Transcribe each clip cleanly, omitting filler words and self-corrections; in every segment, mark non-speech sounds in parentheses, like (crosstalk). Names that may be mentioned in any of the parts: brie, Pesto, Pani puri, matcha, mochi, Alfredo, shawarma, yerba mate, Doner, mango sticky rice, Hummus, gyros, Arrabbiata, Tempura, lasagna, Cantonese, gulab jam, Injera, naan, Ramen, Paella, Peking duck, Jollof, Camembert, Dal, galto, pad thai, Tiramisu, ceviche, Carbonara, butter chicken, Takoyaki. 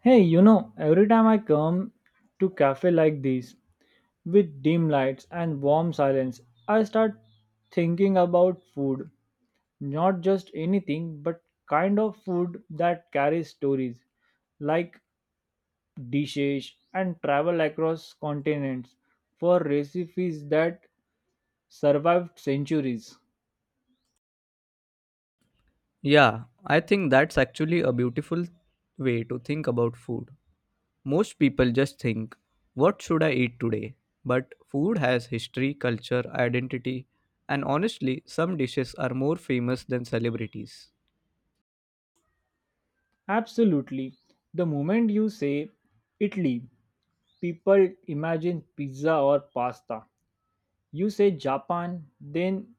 Hey, every time I come to cafe like these with dim lights and warm silence, I start thinking about food, not just anything, but kind of food that carries stories, like dishes and travel across continents for recipes that survived centuries. Yeah, I think that's actually a beautiful way to think about food. Most people just think, what should I eat today? But food has history, culture, identity, and honestly, some dishes are more famous than celebrities. Absolutely. The moment you say Italy, people imagine pizza or pasta. You say Japan, then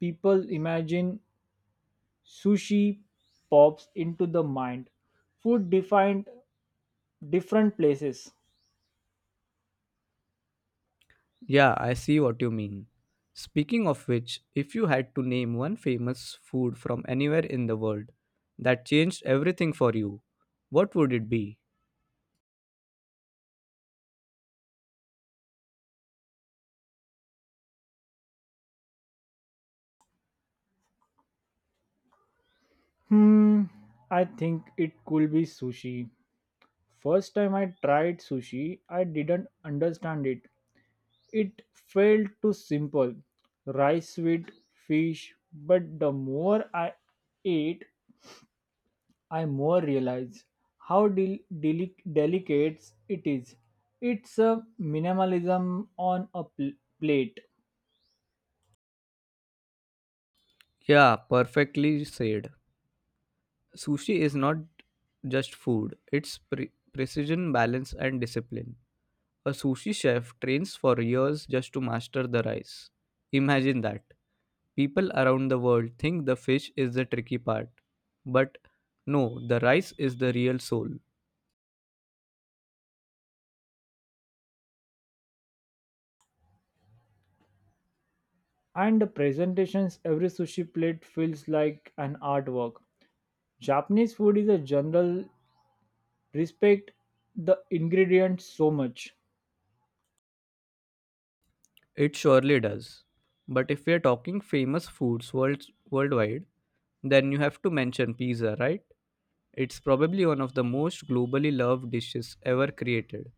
people imagine sushi pops into the mind. Food defined different places. Yeah, I see what you mean. Speaking of which, if you had to name one famous food from anywhere in the world that changed everything for you, what would it be? Hmm, I think it could be sushi. First time I tried sushi, I didn't understand it. It felt too simple. Rice with fish, but the more I ate, I more realize how delicate it is. It's a minimalism on a plate, Yeah, perfectly said. Sushi is not just food, it's precision, balance, and discipline. A sushi chef trains for years just to master the rice. Imagine that. People around the world think the fish is the tricky part. But no, the rice is the real soul. and the presentations every sushi plate feels like an artwork. Japanese food is a general respect the ingredients so much. It surely does. But if we are talking famous foods worldwide, then you have to mention pizza, right? It's probably one of the most globally loved dishes ever created.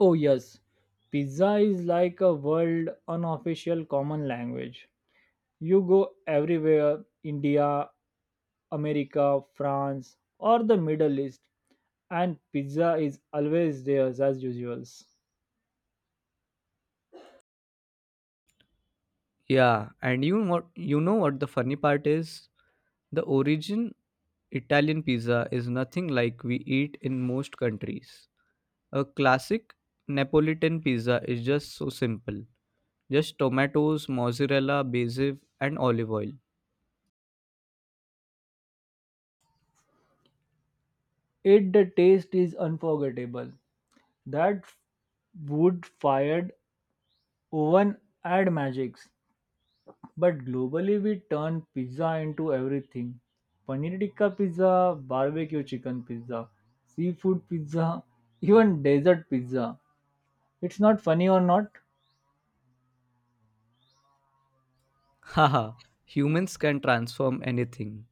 Oh yes, pizza is like a world unofficial common language. You go everywhere, India, America, France, or the Middle East and pizza is always there as usuals. Yeah, and you know what the funny part is? The origin Italian pizza is nothing like we eat in most countries. A classic Neapolitan pizza is just so simple. Just tomatoes, mozzarella, basil, and olive oil. It the taste is unforgettable. That wood fired oven add magics. But globally we turn pizza into everything. Paneer tikka pizza, barbecue chicken pizza, seafood pizza, (laughs) even desert pizza. It's not funny or not? Haha, humans can transform anything.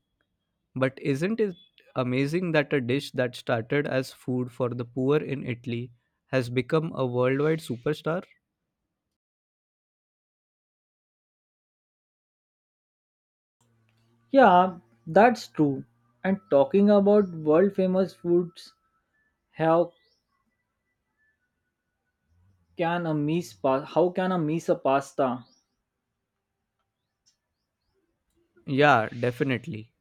But isn't it amazing that a dish that started as food for the poor in Italy has become a worldwide superstar? Yeah, that's true. And talking about world famous foods have can a miss pa- how can a miss a pasta. Yeah, definitely.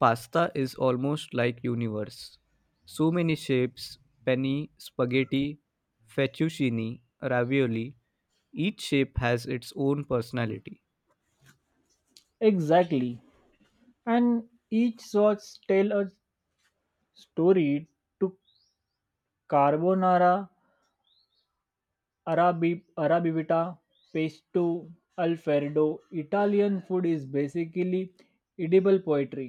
Pasta is almost like universe. So many shapes, penny, spaghetti, fettuccine, ravioli, each shape has its own personality. Exactly, and each sauce tell a story to carbonara, arabi arabivita, pesto, alfredo. Italian food is basically edible poetry.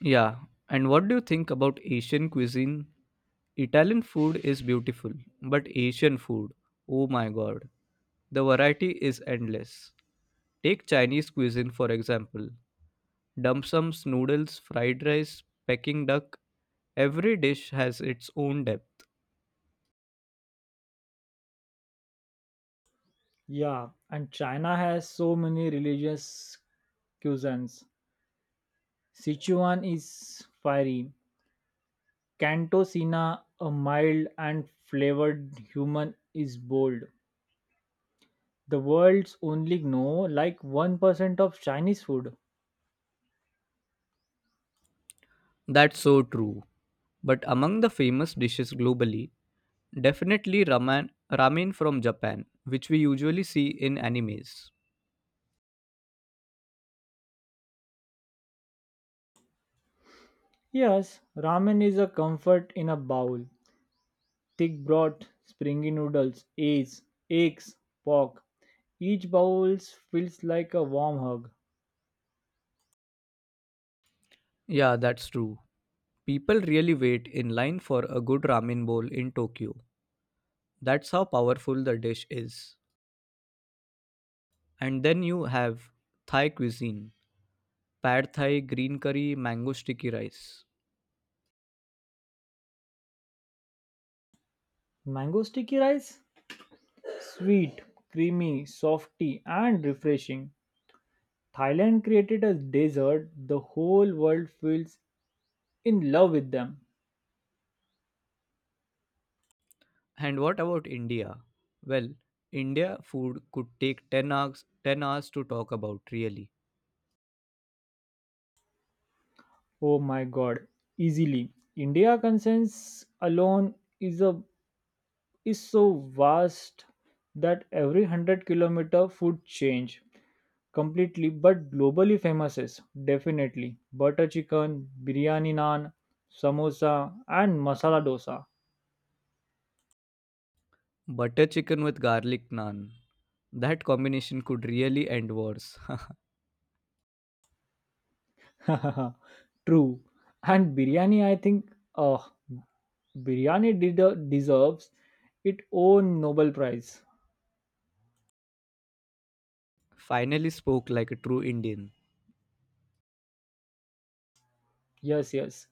Yeah, and what do you think about Asian cuisine? Italian food is beautiful, but Asian food, oh my god, the variety is endless. Take Chinese cuisine for example. Dim sums, noodles, fried rice, Peking duck, every dish has its own depth. Yeah, and china has so many religious cuisines. Sichuan is fiery, cantosina a mild and flavored, human is bold. The world's only know like 1% of Chinese food. That's so true. But among the famous dishes globally, definitely ramen from Japan, which we usually see in animes. Yes, ramen is a comfort in a bowl. Thick broth, springy noodles, eggs, pork. Each bowl feels like a warm hug. Yeah, that's true. People really wait in line for a good ramen bowl in Tokyo. That's how powerful the dish is. And then you have Thai cuisine, pad thai, green curry, mango sticky rice. Mango sticky rice? Sweet, creamy, softy, and refreshing. Thailand created a dessert the whole world feels in love with them. And what about India? Well, India food could take 10 hours, 10 hours to talk about, really. Oh my god, easily. India concerns alone is a is so vast that every 100-kilometer food change completely, but globally famous is definitely butter chicken, biryani, naan, samosa, and masala dosa. Butter chicken with garlic naan. That combination could really end wars. (laughs) (laughs) True. And biryani, I think, uh, biryani deserves its own Nobel Prize. Finally spoke like a true Indian. Yes, yes.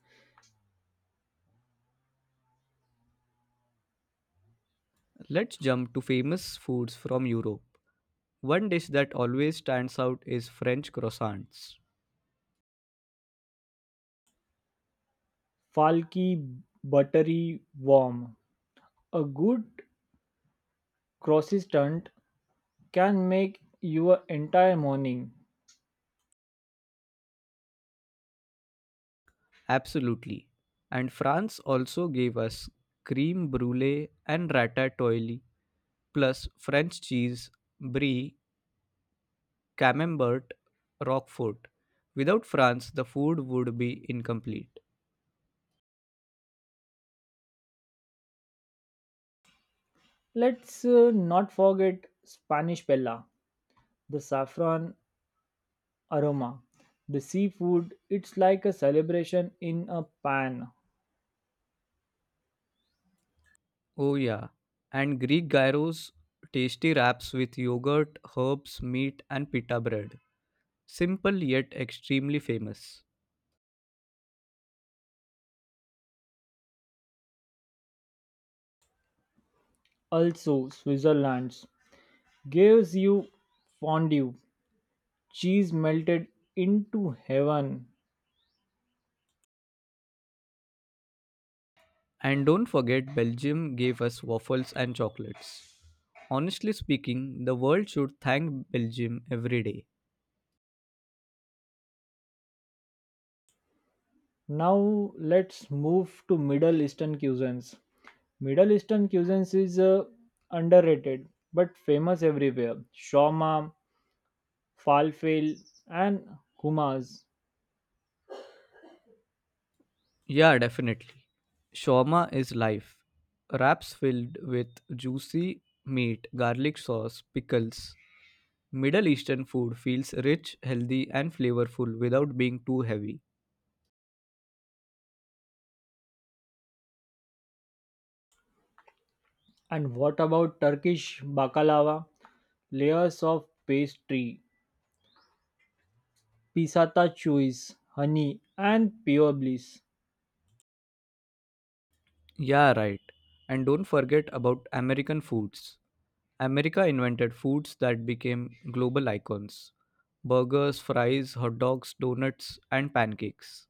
Let's jump to famous foods from Europe. One dish that always stands out is French croissants. Falky, buttery, warm, a good croissant can make your entire morning. Absolutely. And France also gave us cream brulee and ratatouille, plus French cheese, brie, Camembert, Roquefort. Without France, the food would be incomplete. Let's not forget Spanish Bella, the saffron aroma, the seafood. It's like a celebration in a pan. Oh, yeah. And Greek gyros, tasty wraps with yogurt, herbs, meat, and pita bread. Simple yet extremely famous. Also, Switzerland gives you fondue, cheese melted into heaven. And don't forget, Belgium gave us waffles and chocolates. Honestly speaking, the world should thank Belgium every day. Now let's move to Middle Eastern cuisines. Middle Eastern cuisines is underrated but famous everywhere. Shawarma, falafel, and hummus. Yeah, definitely. Shawarma is life. Wraps filled with juicy meat, garlic sauce, pickles, Middle Eastern food feels rich, healthy, and flavorful without being too heavy. And what about Turkish baklava? Layers of pastry, pisata cheese, honey, and pure bliss. Yeah, right. And don't forget about American foods. America invented foods that became global icons burgers, fries, hot dogs, donuts, and pancakes.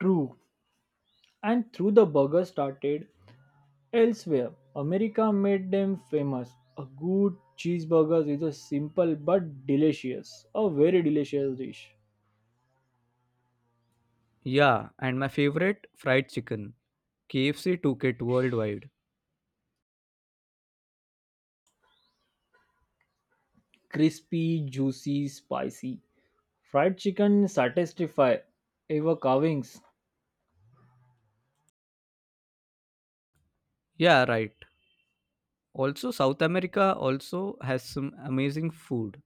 True. And through the burger started elsewhere. America made them famous. A good cheeseburger is a simple but delicious, a very delicious dish. Yeah, and my favorite fried chicken. KFC took it worldwide. Crispy, juicy, spicy. Fried chicken satisfy ever carvings. Yeah, right. Also, South America also has some amazing food.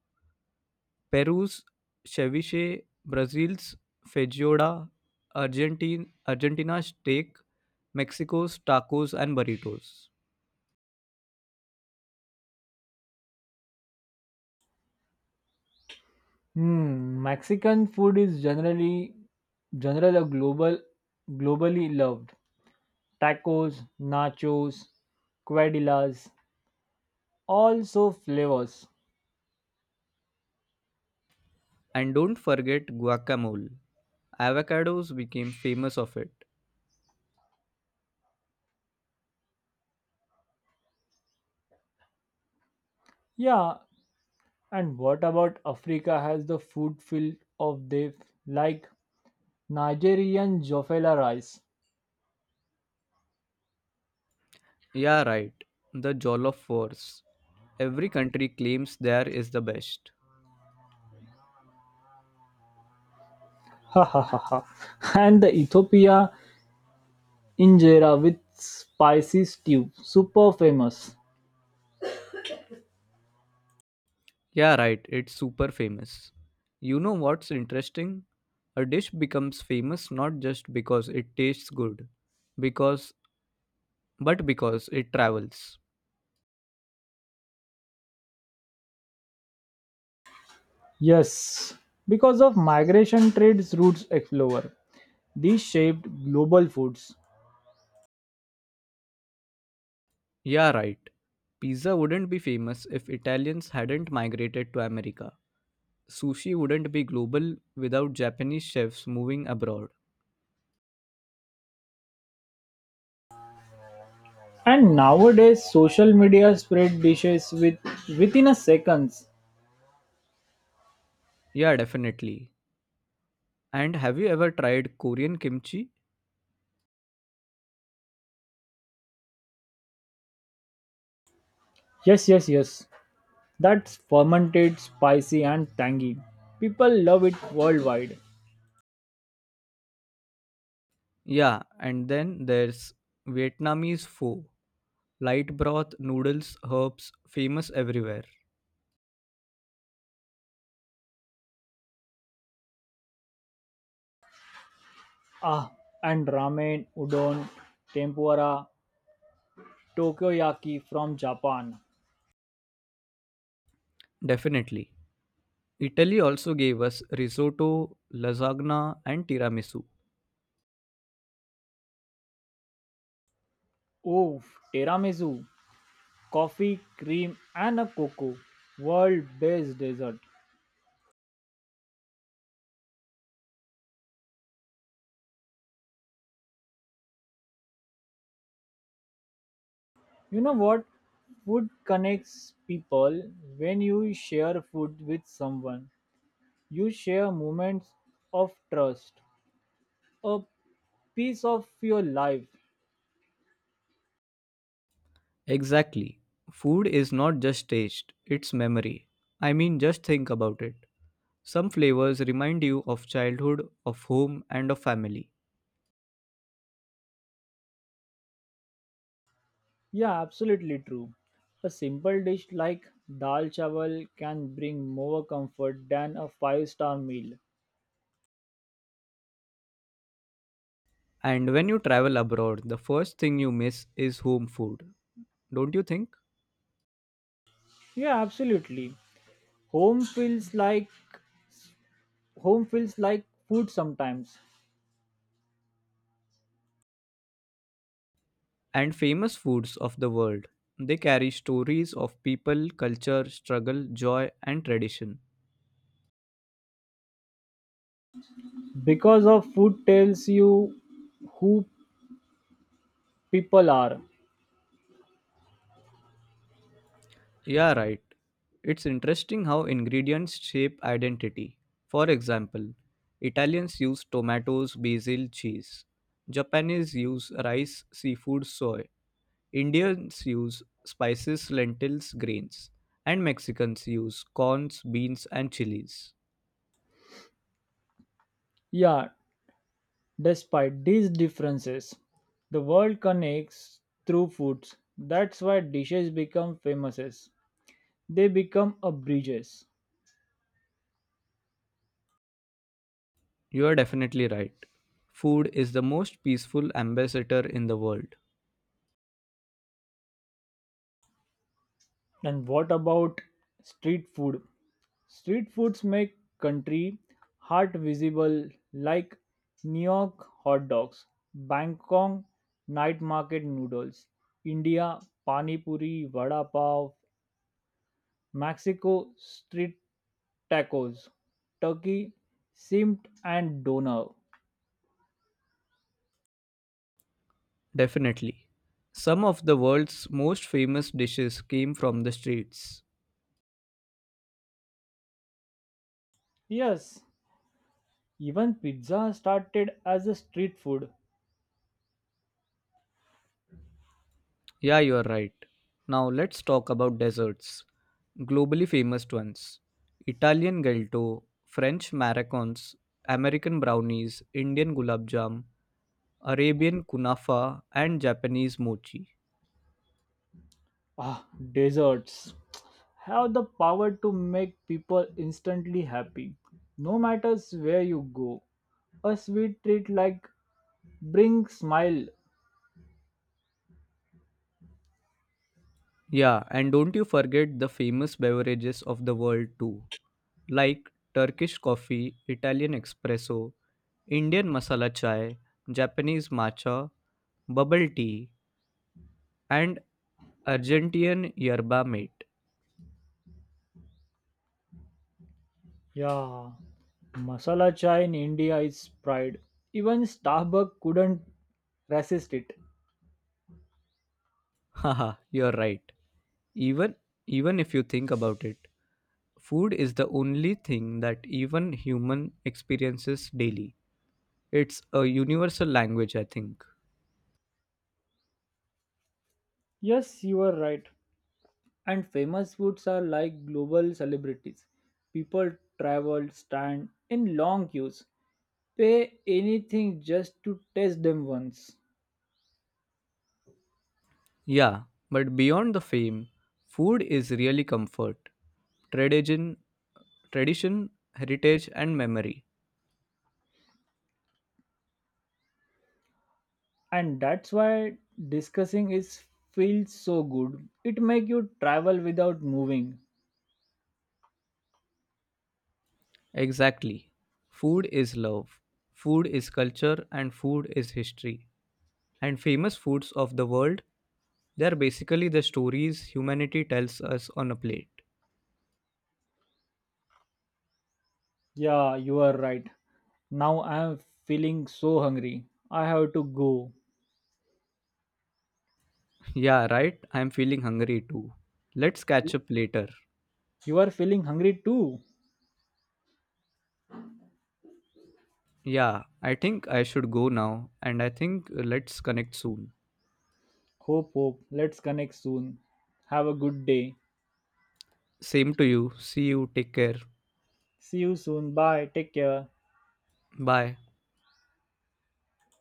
Peru's ceviche, Brazil's feijoada, Argentina's steak, Mexico's tacos and burritos. Hmm, Mexican food is generally a globally loved. Tacos, nachos, quesadillas, also flavors. And don't forget guacamole. Avocados became famous of it. Yeah, and what about Africa has the food filled of they like Nigerian jofela rice. Yeah, right. The Jollof Wars. Every country claims there is the best. Ha ha ha ha. And the Ethiopia injera with spicy stew, super famous. Yeah, right. It's super famous. You know what's interesting? A dish becomes famous not just because it tastes good, because but because it travels. Yes, because of migration trades routes explorer. These shaped global foods. Yeah, right. Pizza wouldn't be famous if Italians hadn't migrated to America. Sushi wouldn't be global without Japanese chefs moving abroad. And nowadays, social media spread dishes within a seconds. Yeah, definitely. And have you ever tried Korean kimchi? Yes, yes, yes. That's fermented, spicy, and tangy. People love it worldwide. Yeah, and then there's Vietnamese pho. Light broth, noodles, herbs, famous everywhere. Ah, and ramen, udon, tempura, takoyaki from Japan. Definitely. Italy also gave us risotto, lasagna, and tiramisu. Oof, tiramisu, coffee, cream, and a cocoa. World-based dessert. You know what? Food connects people. When you share food with someone, you share moments of trust, a piece of your life. Exactly. Food is not just taste, it's memory. I mean, just think about it. Some flavors remind you of childhood, of home, and of family. Yeah, absolutely true. A simple dish like dal chawal can bring more comfort than a five-star meal. And when you travel abroad, the first thing you miss is home food, don't you think? Yeah, absolutely. Home feels like home feels like food sometimes. And famous foods of the world. They carry stories of people, culture, struggle, joy, and tradition. Because of food tells you who people are. Yeah, right. It's interesting how ingredients shape identity. For example, Italians use tomatoes, basil, cheese. Japanese use rice, seafood, soy. Indians use spices, lentils, grains. And Mexicans use corns, beans, and chilies. Yeah, despite these differences, the world connects through foods. That's why dishes become famous. They become a bridges. You are definitely right. Food is the most peaceful ambassador in the world. And what about street food? Street foods make country heart visible like New York hot dogs, Bangkok night market noodles, India pani puri, vada pav, Mexico street tacos, turkey, simmed and doner. Definitely. Some of the world's most famous dishes came from the streets. Yes, even pizza started as a street food. Yeah, you are right. Now let's talk about desserts. Globally famous ones Italian galto, French maracons, American brownies, Indian gulab jam, Arabian kunafa, and Japanese mochi. Ah, desserts have the power to make people instantly happy, no matters where you go. A sweet treat like bring smile. Yeah, and don't you forget the famous beverages of the world too, like Turkish coffee, Italian espresso, Indian masala chai, Japanese matcha, bubble tea, and Argentinian yerba mate. Yeah, masala chai in India is pride. Even Starbucks couldn't resist it. Haha, you're right. Even even if you think about it, food is the only thing that even human experiences daily. It's a universal language, I think. Yes, you are right. And famous foods are like global celebrities. People travel, stand in long queues, pay anything just to taste them once. Yeah, but beyond the fame, food is really comfort, tradition, tradition, heritage and memory. And that's why discussing is feels so good. It make you travel without moving. Exactly. Food is love. Food is culture and food is history. And famous foods of the world. They are basically the stories humanity tells us on a plate. Yeah, you are right. Now I am feeling so hungry. I have to go. (laughs) Yeah, right? I'm feeling hungry too. Let's You catch up later. you are feeling hungry too. Yeah, I think I should go now, and I think let's connect soon. Hope. Let's connect soon. Have a good day. Same to you. See you. Take care. See you soon. Bye. Take care. Bye.